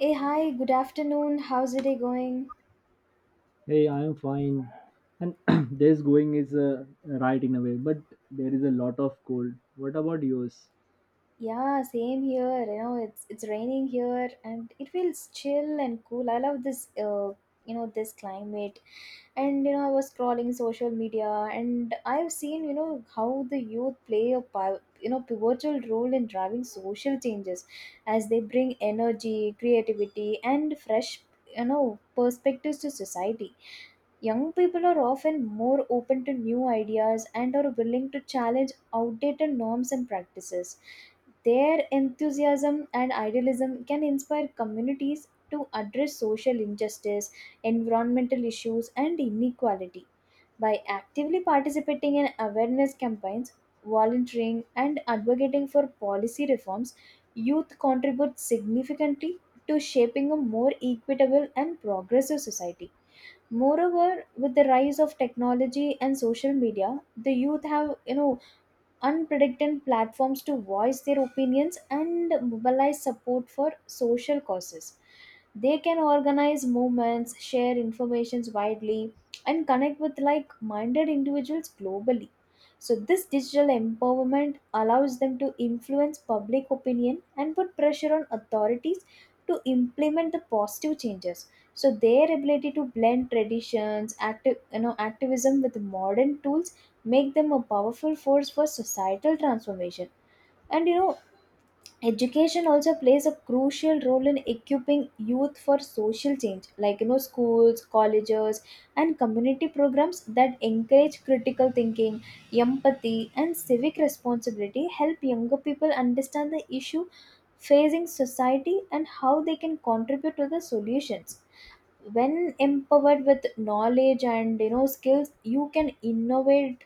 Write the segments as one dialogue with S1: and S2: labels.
S1: Hey, hi, good afternoon. How's the day going?
S2: Hey, I am fine. And this going is right in a way, but there is a lot of cold. What about yours?
S1: Yeah, same here. You know, it's raining here and it feels chill and cool. I love this you know, this climate. And you know, I was scrolling social media and I've seen, you know, how the youth play a you know, pivotal role in driving social changes as they bring energy, creativity and fresh, you know, perspectives to society. Young people are often more open to new ideas and are willing to challenge outdated norms and practices. Their enthusiasm and idealism can inspire communities to address social injustice, environmental issues, and inequality. By actively participating in awareness campaigns, volunteering, and advocating for policy reforms, youth contribute significantly to shaping a more equitable and progressive society. Moreover, with the rise of technology and social media, the youth have, you know, unpredicted platforms to voice their opinions and mobilize support for social causes. They can organize movements, share informations widely, and connect with like minded individuals globally. So this digital empowerment allows them to influence public opinion and put pressure on authorities to implement the positive changes. So their ability to blend traditions, active, you know, activism with modern tools make them a powerful force for societal transformation. And you know, education also plays a crucial role in equipping youth for social change, like you know, schools, colleges and community programs that encourage critical thinking, empathy and civic responsibility help younger people understand the issue facing society and how they can contribute to the solutions. When empowered with knowledge and, you know, skills, you can innovate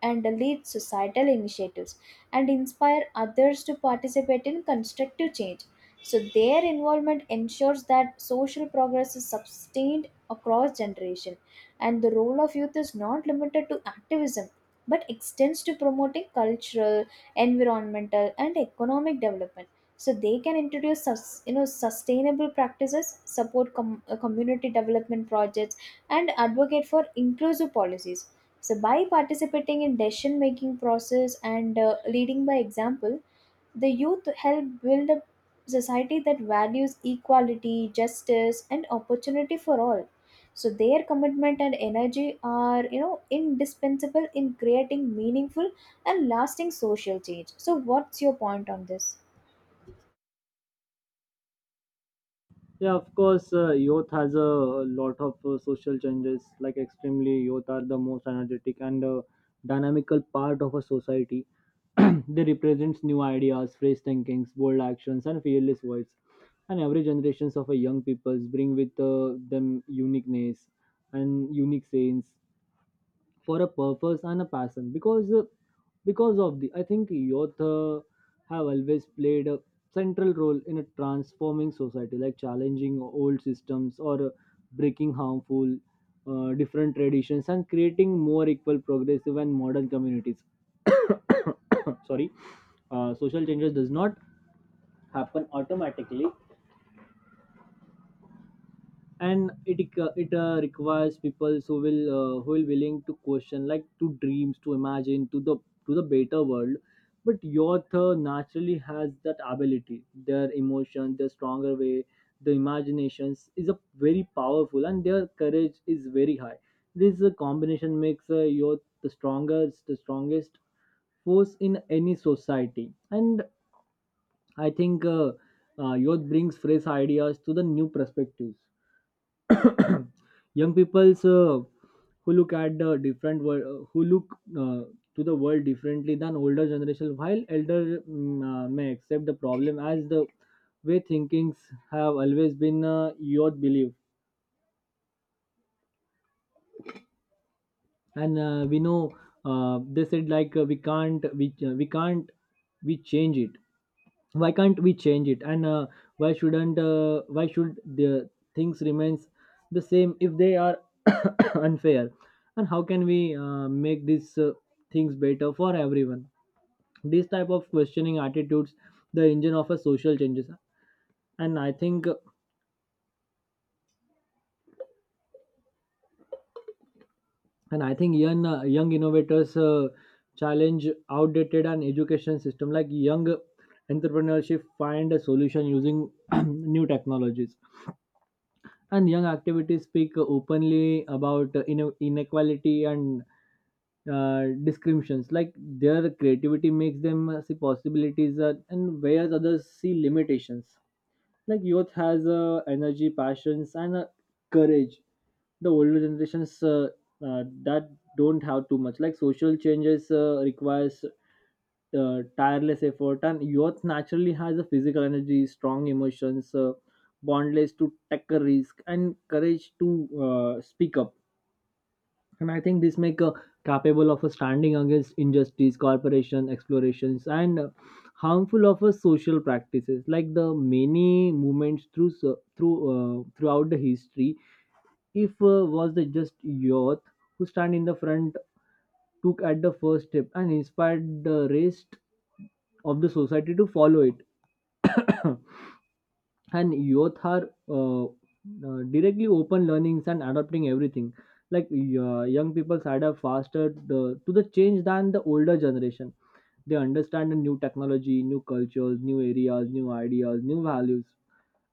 S1: and lead societal initiatives and inspire others to participate in constructive change. So their involvement ensures that social progress is sustained across generation, and the role of youth is not limited to activism but extends to promoting cultural, environmental and economic development. So they can introduce you know, sustainable practices, support community development projects and advocate for inclusive policies. So by participating in decision making process and leading by example, the youth help build a society that values equality, justice and opportunity for all. So their commitment and energy are, you know, indispensable in creating meaningful and lasting social change. So what's your point on this?
S2: Yeah, of course, youth has a lot of social changes. Like extremely, youth are the most energetic and dynamical part of a society. They represents new ideas, fresh thinkings, bold actions, and fearless voice. And every generations of a young peoples bring with them uniqueness and unique sayings. For a purpose and a passion because of the I think youth have always played a central role in a transforming society, like challenging old systems or breaking harmful different traditions and creating more equal progressive and modern communities. Sorry. Social changes does not happen automatically, and it requires people who will willing to question, like to dreams, to imagine, to the better world. But your author naturally has that ability, their emotion, their stronger way. The imaginations is a very powerful and their courage is very high. This combination makes your the strongest, the strongest force in any society. And I think youth brings fresh ideas to the new perspectives. Young people's who look at the different world, who look to the world differently than older generation, while elder may accept the problem as the way thinkings have always been your belief. And we know, they said, like, we can't we change it. Why can't we change it? And why shouldn't why should the things remains the same if they are unfair? And how can we make these things better for everyone? These type of questioning attitudes, the engine of a social changes. And i think and i think young young innovators challenge outdated and education system, like young entrepreneurship find a solution using new technologies. And young activities speak openly about inequality and discriminations. Like their creativity makes them see possibilities and whereas others see limitations. Like youth has energy, passions, and courage. The older generations that don't have too much. Like social changes requires tireless effort. And youth naturally has a physical energy, strong emotions, bondless to take a risk, and courage to speak up. And I think this make a capable of a standing against injustice, corporation, explorations, and harmful of a social practices. Like the many movements throughout the history, if was the just youth who stand in the front, took at the first step, and inspired the rest of the society to follow it. And youth are directly open learnings and adopting everything. Like young people adapt faster to the change than the older generation. They understand the new technology, new cultures, new areas, new ideas, new values,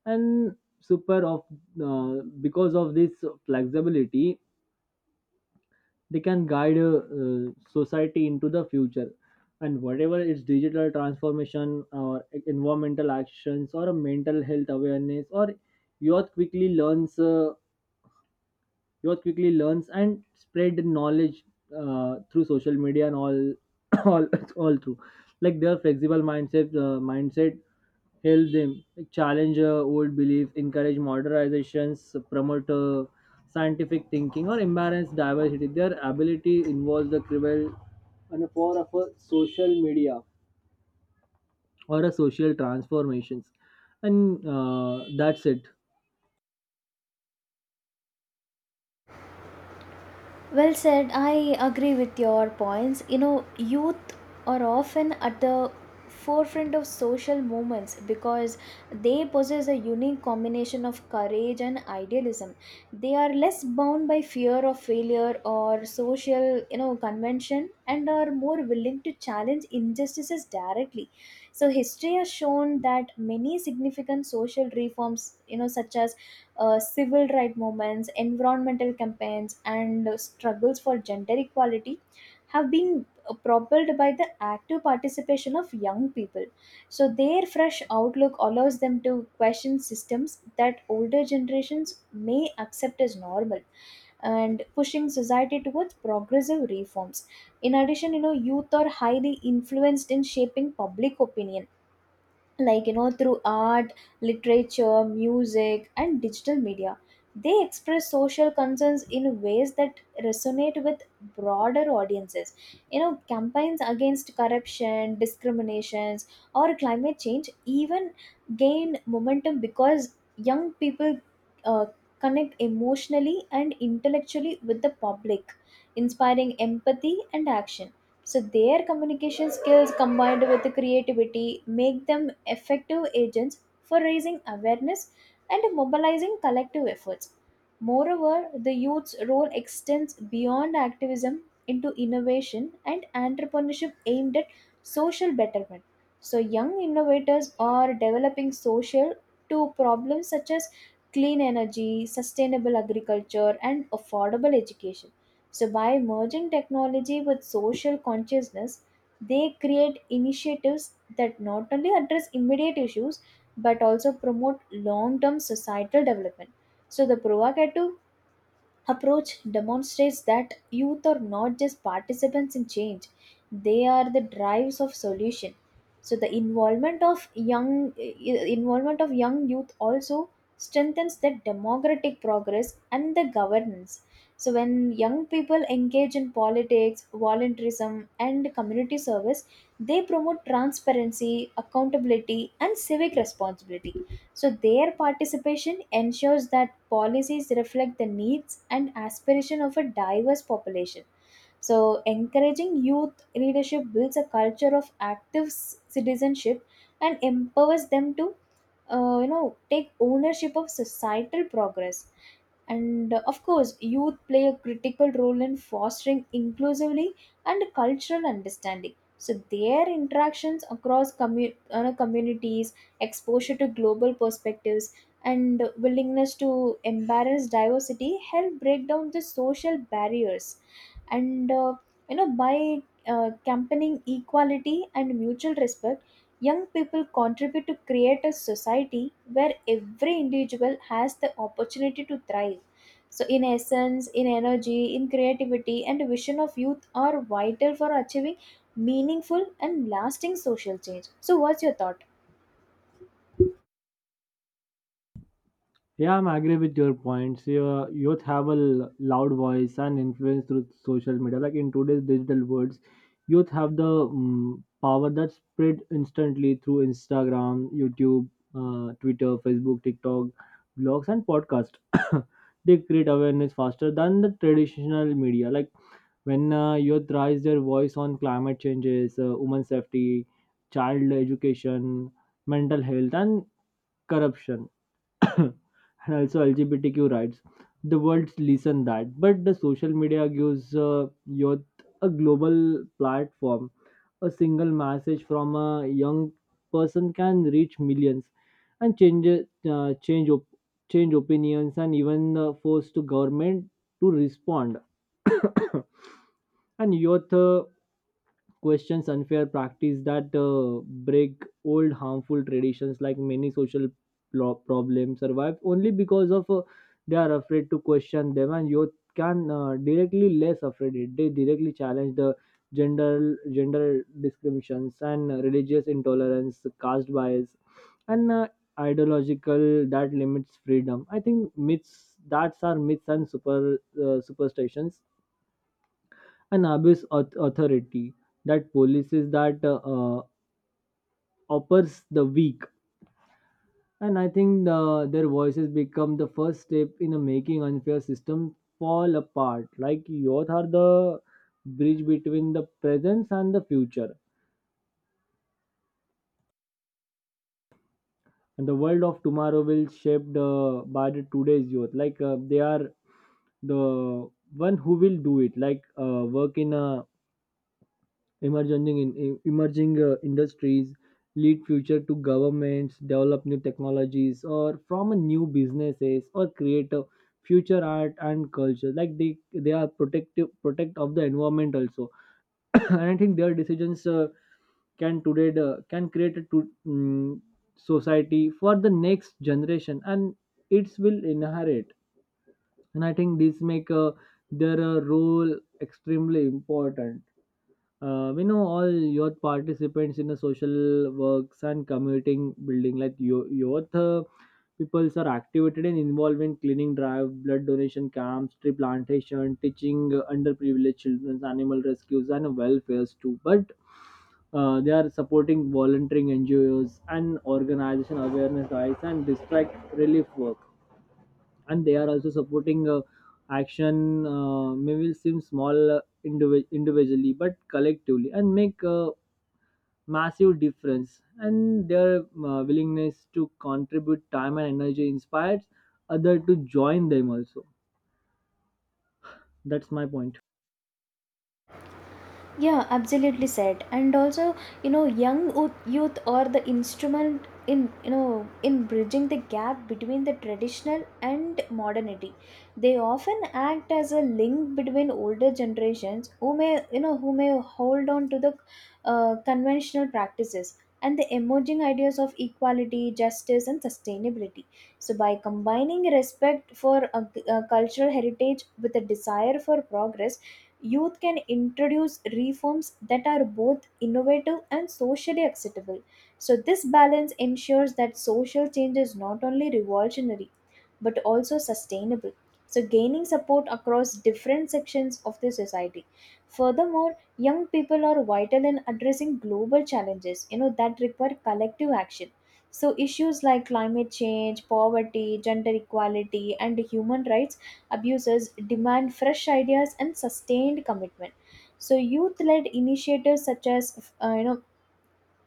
S2: and super of uh, because of this flexibility, they can guide society into the future. And whatever it's digital transformation, or environmental actions, or a mental health awareness, or youth quickly learns uh, youth quickly learns and spread knowledge through social media and all all all through. Like their flexible mindset help them, like, challenge old belief, encourage modernizations, promote scientific thinking, or embrace diversity. Their ability involves the cruel and the power of a social media or a social transformations, and that's it.
S1: Well said. I agree with your points. You know, youth are often at the forefront of social movements because they possess a unique combination of courage and idealism. They are less bound by fear of failure or social, you know, convention and are more willing to challenge injustices directly. So history has shown that many significant social reforms, you know, such as civil rights movements, environmental campaigns, and struggles for gender equality have been propelled by the active participation of young people. So their fresh outlook allows them to question systems that older generations may accept as normal and pushing society towards progressive reforms. In addition, you know, youth are highly influenced in shaping public opinion, like you know, through art, literature, music and digital media. They express social concerns in ways that resonate with broader audiences. You know, campaigns against corruption, discriminations or climate change even gain momentum because young people uh, connect emotionally and intellectually with the public, inspiring empathy and action. So their communication skills combined with the creativity make them effective agents for raising awareness and mobilizing collective efforts. Moreover, the youth's role extends beyond activism into innovation and entrepreneurship aimed at social betterment. So young innovators are developing social to problems such as clean energy, sustainable agriculture and affordable education. So by merging technology with social consciousness, they create initiatives that not only address immediate issues but also promote long term societal development. So the provocative approach demonstrates that youth are not just participants in change, they are the drives of solution. So the involvement of young youth also strengthens the democratic progress and the governance. So when young people engage in politics, volunteerism and community service, they promote transparency, accountability and civic responsibility. So their participation ensures that policies reflect the needs and aspiration of a diverse population. So encouraging youth leadership builds a culture of active citizenship and empowers them to, you know, take ownership of societal progress. And of course, youth play a critical role in fostering inclusively and cultural understanding. So their interactions across communities, exposure to global perspectives, and willingness to embrace diversity help break down the social barriers. And you know, by campaigning equality and mutual respect, young people contribute to create a society where every individual has the opportunity to thrive. So in essence, in energy, in creativity and vision of youth are vital for achieving meaningful and lasting social change. So what's your thought?
S2: Yeah, I'm agree with your points. Yeah, youth have a loud voice and influence through social media. Like in today's digital worlds, youth have the power that spread instantly through Instagram, YouTube, Twitter, Facebook, TikTok, blogs, and podcast. They create awareness faster than the traditional media. Like when youth raise their voice on climate changes, women's safety, child education, mental health, and corruption, and also LGBTQ rights. The world listen that, but the social media gives youth a global platform. A single message from a young person can reach millions and change opinions, and even force to government to respond. And youth questions unfair practice that break old harmful traditions. Like many social problem survive only because of they are afraid to question them. And youth can directly less afraid it, they directly challenge the gender discriminations and religious intolerance, caste bias, and ideological that limits freedom. I think myths that's are myths and superstitions and abuse authority, that policies that oppose the weak. And I think their voices become the first step in a making unfair system fall apart. Like youth are the bridge between the present and the future, and the world of tomorrow will shaped by the today's youth. Like they are the one who will do it. Like work in a emerging industries, lead future to governments, develop new technologies, or from a new businesses, or create a future art and culture. Like they are protect of the environment also. And I think their decisions can create a to, society for the next generation, and it will inherit. And I think this make their role extremely important. Uh, we know all youth participants in the social works and commuting building. Like youth peoples are activated and involved in cleaning drive, blood donation camps, tree plantation, teaching underprivileged children, animal rescues, and welfares too. But they are supporting volunteering ngos and organization awareness drives and district relief work. And they are also supporting action may will seem small individually, but collectively and make a massive difference. And their willingness to contribute time and energy inspires other to join them also. That's my point.
S1: Yeah, absolutely said. And also, you know, youth are the instrument in, you know, in bridging the gap between the traditional and modernity. They often act as a link between older generations who may, you know, who may hold on to the conventional practices and the emerging ideas of equality, justice, and sustainability. So by combining respect for a cultural heritage with a desire for progress, youth can introduce reforms that are both innovative and socially acceptable. So this balance ensures that social change is not only revolutionary but also sustainable, so gaining support across different sections of the society. Furthermore, young people are vital in addressing global challenges, you know, that require collective action. So issues like climate change, poverty, gender equality, and human rights abuses demand fresh ideas and sustained commitment. So youth-led initiatives such as you know,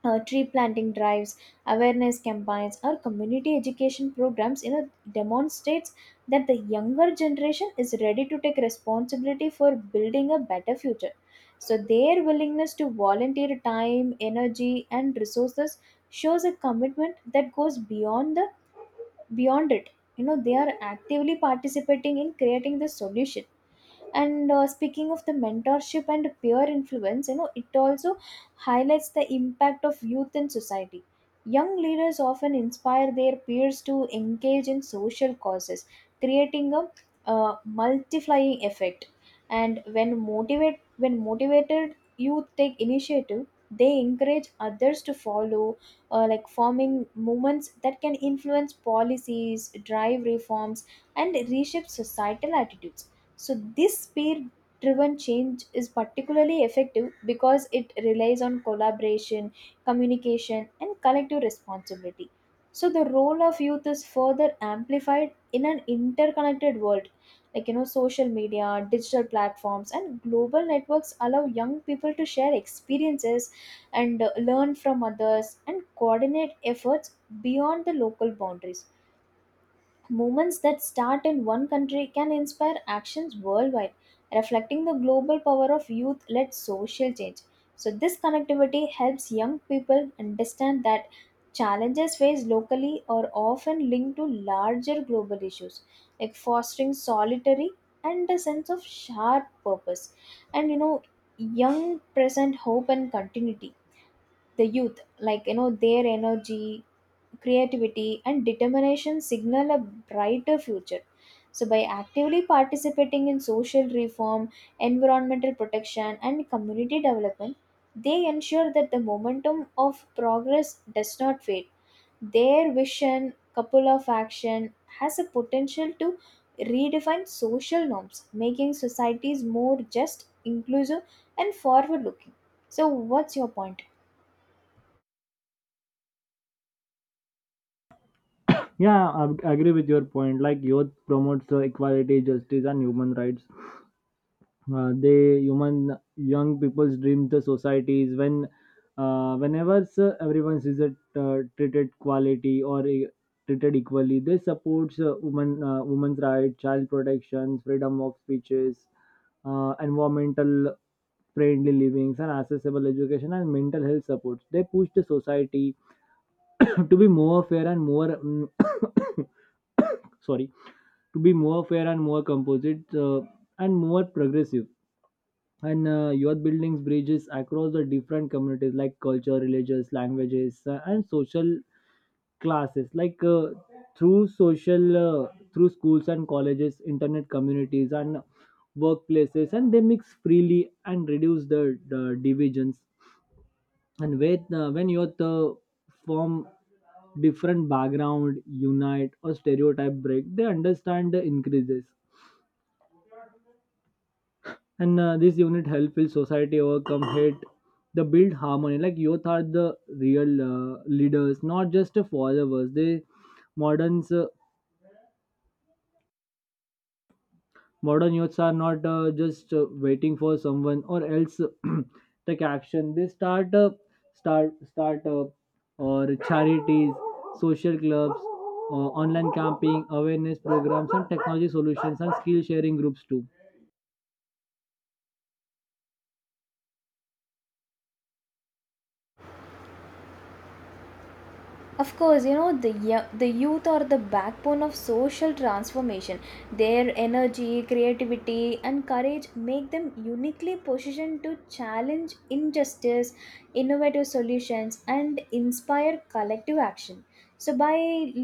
S1: tree planting drives, awareness campaigns, or community education programs, you know, demonstrates that the younger generation is ready to take responsibility for building a better future. So their willingness to volunteer time, energy, and resources shows a commitment that goes beyond it. You know, they are actively participating in creating the solution. And speaking of the mentorship and peer influence, you know, it also highlights the impact of youth in society. Young leaders often inspire their peers to engage in social causes, creating a multiplying effect. And when motivate when motivated youth take initiative, they encourage others to follow, like forming movements that can influence policies, drive reforms and reshape societal attitudes. So this peer driven change is particularly effective because it relies on collaboration, communication, and collective responsibility. So the role of youth is further amplified in an interconnected world. Like, you know, social media, digital platforms, and global networks allow young people to share experiences and learn from others and coordinate efforts beyond the local boundaries. Movements that start in one country can inspire actions worldwide, reflecting the global power of youth led social change. So this connectivity helps young people understand that challenges faced locally are often linked to larger global issues, like fostering solitary and a sense of shared purpose. And you know, young present hope and continuity. The youth, like you know, their energy, creativity, and determination signal a brighter future. So by actively participating in social reform, environmental protection, and community development, they ensure that the momentum of progress does not fade. Their vision, couple of action, has a potential to redefine social norms, making societies more just, inclusive, and forward looking. So what's your point?
S2: Yeah, I agree with your point. Like youth promotes equality, justice, and human rights. They human young people's dream the societies when whenever sir, everyone is it, treated quality or e- treated equally. They supports women's rights, child protections, freedom of speeches, environmental friendly livings, and accessible education and mental health supports. They push the society to be more fair and sorry, to be more fair and more composite and more progressive. And youth buildings bridges across the different communities, like culture, religious, languages, and social classes. Like through social uh, through schools and colleges, internet communities, and workplaces, and they mix freely and reduce the divisions. And when youth from different background unite or stereotype break, they understand the increases. And this unit help will society overcome hate, the build harmony. Like youth are the real leaders, not just followers. They moderns uh, modern youths are not just waiting for someone or else take action. They start up or charities, social clubs, online camping awareness programs and technology solutions and skill sharing groups too.
S1: Of course, you know, the youth are the backbone of social transformation. Their energy, creativity, and courage make them uniquely positioned to challenge injustice, innovative solutions, and inspire collective action. So by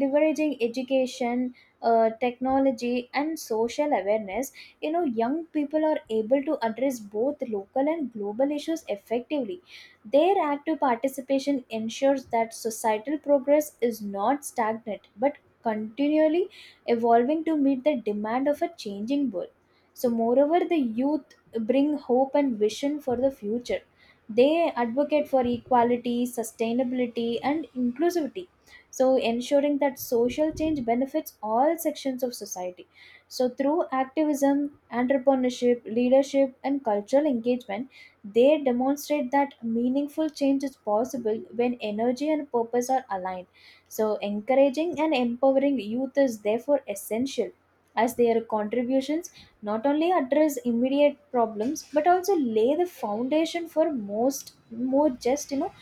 S1: leveraging education, technology, and social awareness, you know, young people are able to address both local and global issues effectively. Their active participation ensures that societal progress is not stagnant but continually evolving to meet the demand of a changing world. So, moreover, the youth bring hope and vision for the future. They advocate for equality, sustainability, and inclusivity, so ensuring that social change benefits all sections of society. So through activism, entrepreneurship, leadership, and cultural engagement, they demonstrate that meaningful change is possible when energy and purpose are aligned. So, encouraging and empowering youth is therefore essential, as their contributions not only address immediate problems but also lay the foundation for most more just,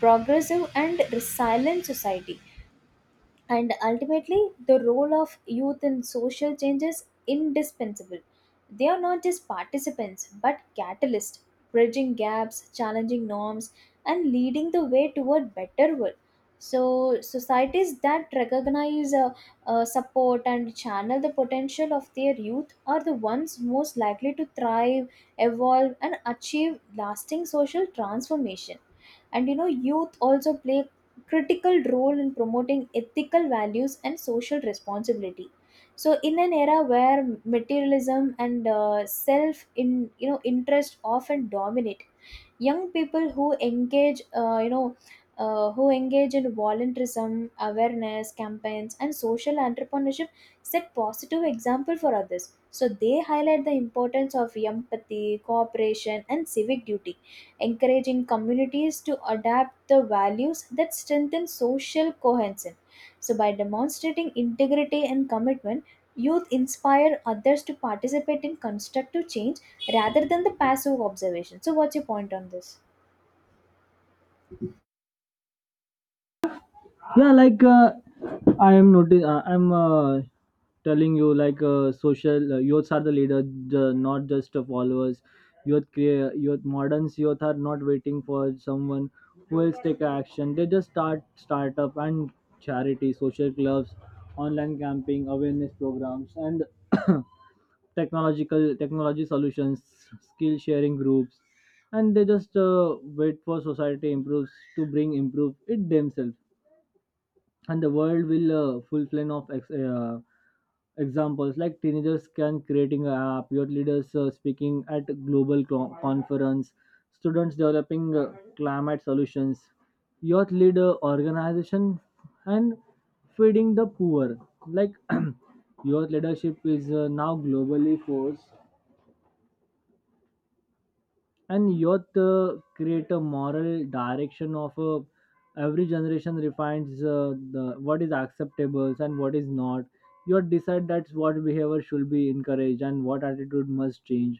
S1: progressive and resilient society. And ultimately, the role of youth in social change is indispensable. They are not just participants but catalysts, bridging gaps, challenging norms, and leading the way toward better world. So societies that recognize, support and channel the potential of their youth are the ones most likely to thrive, evolve, and achieve lasting social transformation. And youth also play critical role in promoting ethical values and social responsibility. So in an era where materialism and self in, interest often dominate, young people who engage, who engage in volunteerism, awareness campaigns, and social entrepreneurship set positive example for others. So they highlight the importance of empathy, cooperation, and civic duty, encouraging communities to adapt the values that strengthen social cohesion. So, by demonstrating integrity and commitment, youth inspire others to participate in constructive change rather than the passive observation. So, what's your point on this?
S2: Yeah, like, I am notice I'm telling you, like, social youths are the leader, not just the followers. Youth crea- youth moderns Youth are not waiting for someone who will take action. They just start startup and charity, social clubs, online camping awareness programs and technological technology solutions, skill sharing groups. And they just wait for society improves to bring improve it themselves. And the world will full flame of examples. Like teenagers can creating an app, youth leaders speaking at global conference, students developing climate solutions, youth leader organization and feeding the poor. Like youth leadership is now globally forced. And youth create a moral direction of every generation, refines the what is acceptable and what is not. Youth decide that's what behavior should be encouraged and what attitude must change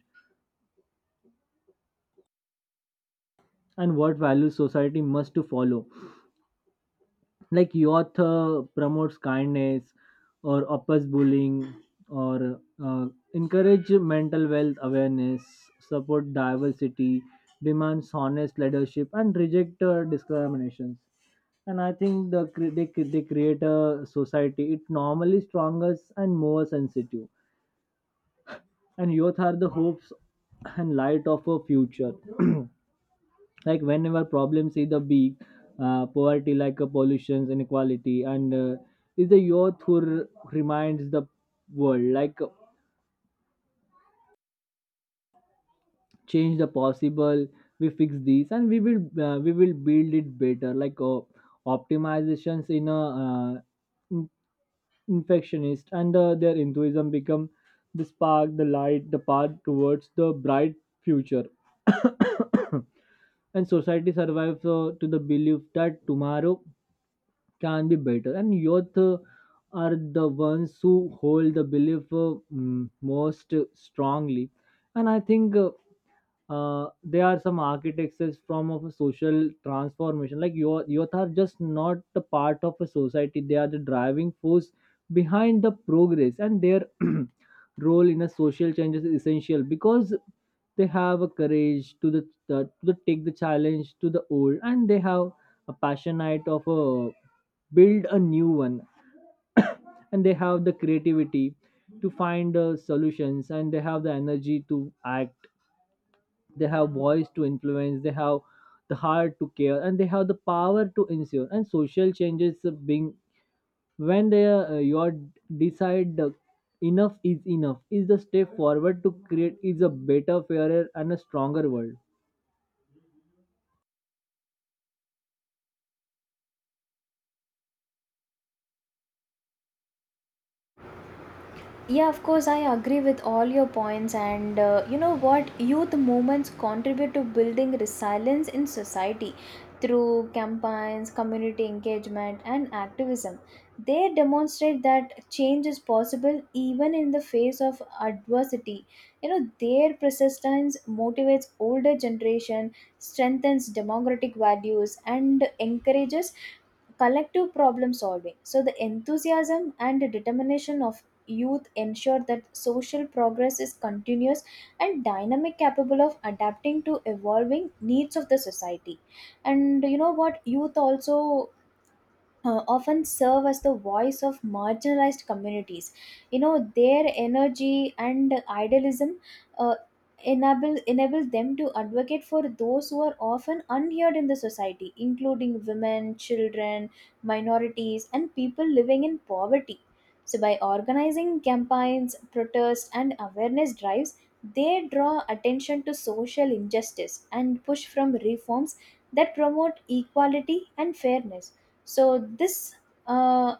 S2: and what values society must to follow. Like youth promotes kindness or oppose bullying or encourage mental wealth awareness, support diversity, demands honest leadership, and reject discriminations. And I think they create a society it normally strongest and more sensitive. And youth are the hopes and light of a future. Like whenever problems either be poverty, like pollution, inequality, and is the youth who reminds the world, like, change the possible, we fix these and we will build it better. Like optimizations in a infectionist and their enthusiasm become the spark, the light, the path towards the bright future. And society survives to the belief that tomorrow can be better. And youth are the ones who hold the belief most strongly. And I think they are some architects as from of a social transformation. Like your youth are just not the part of a society, they are the driving force behind the progress. And their role in a social change is essential because they have a courage to the to the take the challenge to the old, and they have a passionate of a build a new one. And they have the creativity to find solutions, and they have the energy to act, they have voice to influence, they have the heart to care, and they have the power to ensure and social changes being when they your decide the enough is the step forward to create is a better, fairer, and a stronger world.
S1: Yeah, of course, I agree with all your points. And what? Youth movements contribute to building resilience in society through campaigns, community engagement, and activism. They demonstrate that change is possible even in the face of adversity. You know, their persistence motivates older generation, strengthens democratic values, and encourages collective problem solving. So, the enthusiasm and determination of youth ensure that social progress is continuous and dynamic, capable of adapting to evolving needs of the society. And you know what, youth also often serve as the voice of marginalized communities. You know, their energy and idealism uh, enable them to advocate for those who are often unheard in the society, including women, children, minorities, and people living in poverty. So, by organizing campaigns, protests, and awareness drives, they draw attention to social injustice and push from reforms that promote equality and fairness. So this uh,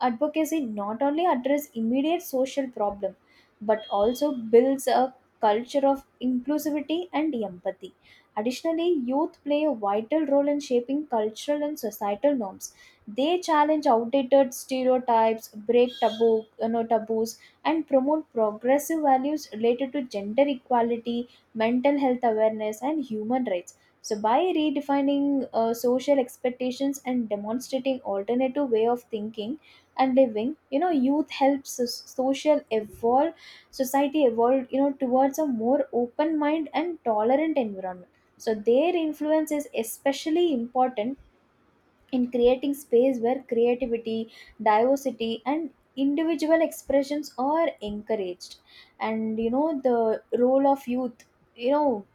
S1: advocacy not only addresses immediate social problem but also builds a culture of inclusivity and empathy. Additionally, youth play a vital role in shaping cultural and societal norms. They challenge outdated stereotypes, break taboos, and promote progressive values related to gender equality, mental health awareness, and human rights. So, by redefining social expectations and demonstrating alternative way of thinking and living, youth social evolve society evolve, you know, towards a more open mind and tolerant environment. So their influence is especially important in creating space where creativity, diversity, and individual expressions are encouraged. And you know the role of youth, you know,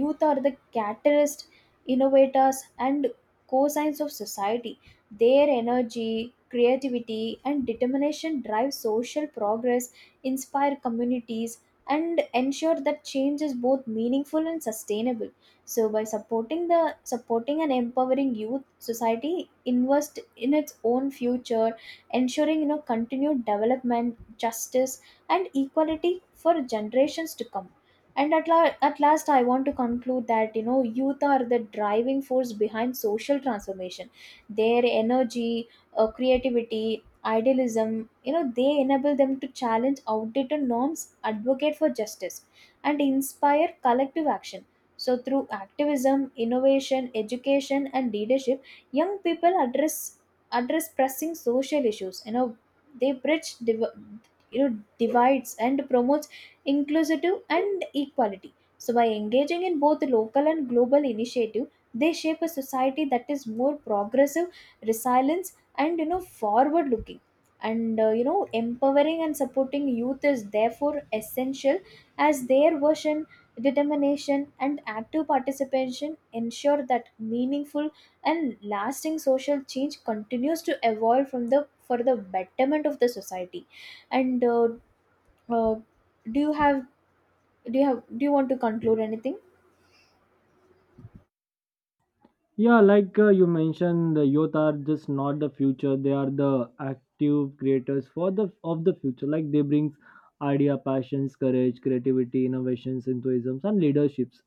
S1: youth are the catalyst, innovators, and cosigns of society. Their energy, creativity, and determination drive social progress, inspire communities, and ensure that change is both meaningful and sustainable. So, by supporting and empowering youth, society invest in its own future, ensuring, you know, continued development, justice, and equality for generations to come. And at last, I want to conclude that, you know, youth are the driving force behind social transformation. Their energy, creativity, idealism, you know, they enable them to challenge outdated norms, advocate for justice, and inspire collective action. So through activism, innovation, education, and leadership, young people address pressing social issues. You know, they bridge you know divides and promotes inclusive and equality. So, by engaging in both local and global initiative, they shape a society that is more progressive, resilient, and, you know, forward-looking. Empowering and supporting youth is therefore essential, as their vision, determination, and active participation ensure that meaningful and lasting social change continues to evolve from the for the betterment of the society. And uh, do you have do you want to conclude anything?
S2: Yeah, like, you mentioned the youth are just not the future, they are the active creators for the of the future. Like they bring idea, passions, courage, creativity, innovations, enthusiasms, and leaderships.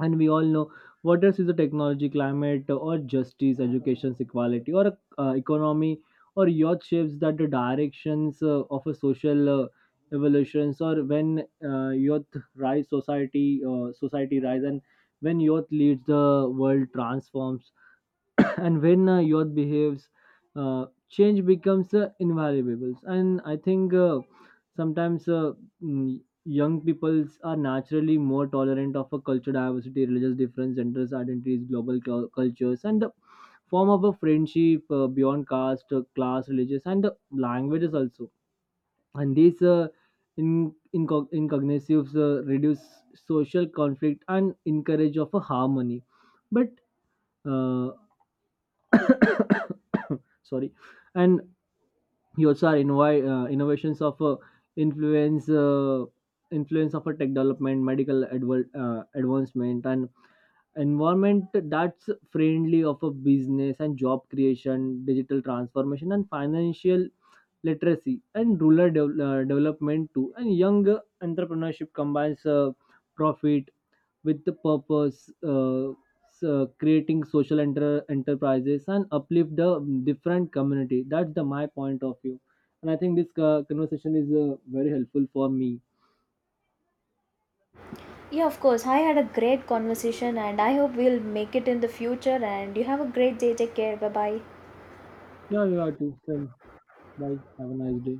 S2: And we all know what else is the technology, climate, or justice, education, equality, or economy, or youth shapes that the directions of a social evolutions. Or when youth rise, society rise. And when youth leads, the world transforms. And when youth behaves, change becomes invaluable. And I think sometimes mm, young peoples are naturally more tolerant of a cultural diversity, religious difference, genders identities, global cultures, and the form of a friendship beyond caste, class, religious, and languages also. And these incognitives reduce social conflict and encourage of a harmony. But uh, sorry. And you also are innovations of influence uh, influence of a tech development, medical advancement, and environment that's friendly of a business and job creation, digital transformation and financial literacy and rural development too. And young entrepreneurship combines profit with the purpose, so creating social enterprises and uplift the different community. That's the my point of view, and I think this conversation is very helpful for me.
S1: Yeah, of course, I had a great conversation, and I hope we'll make it in the future. And you have a great day. Take care. Bye bye.
S2: Yeah, you are too. Same. Bye. Have a nice day.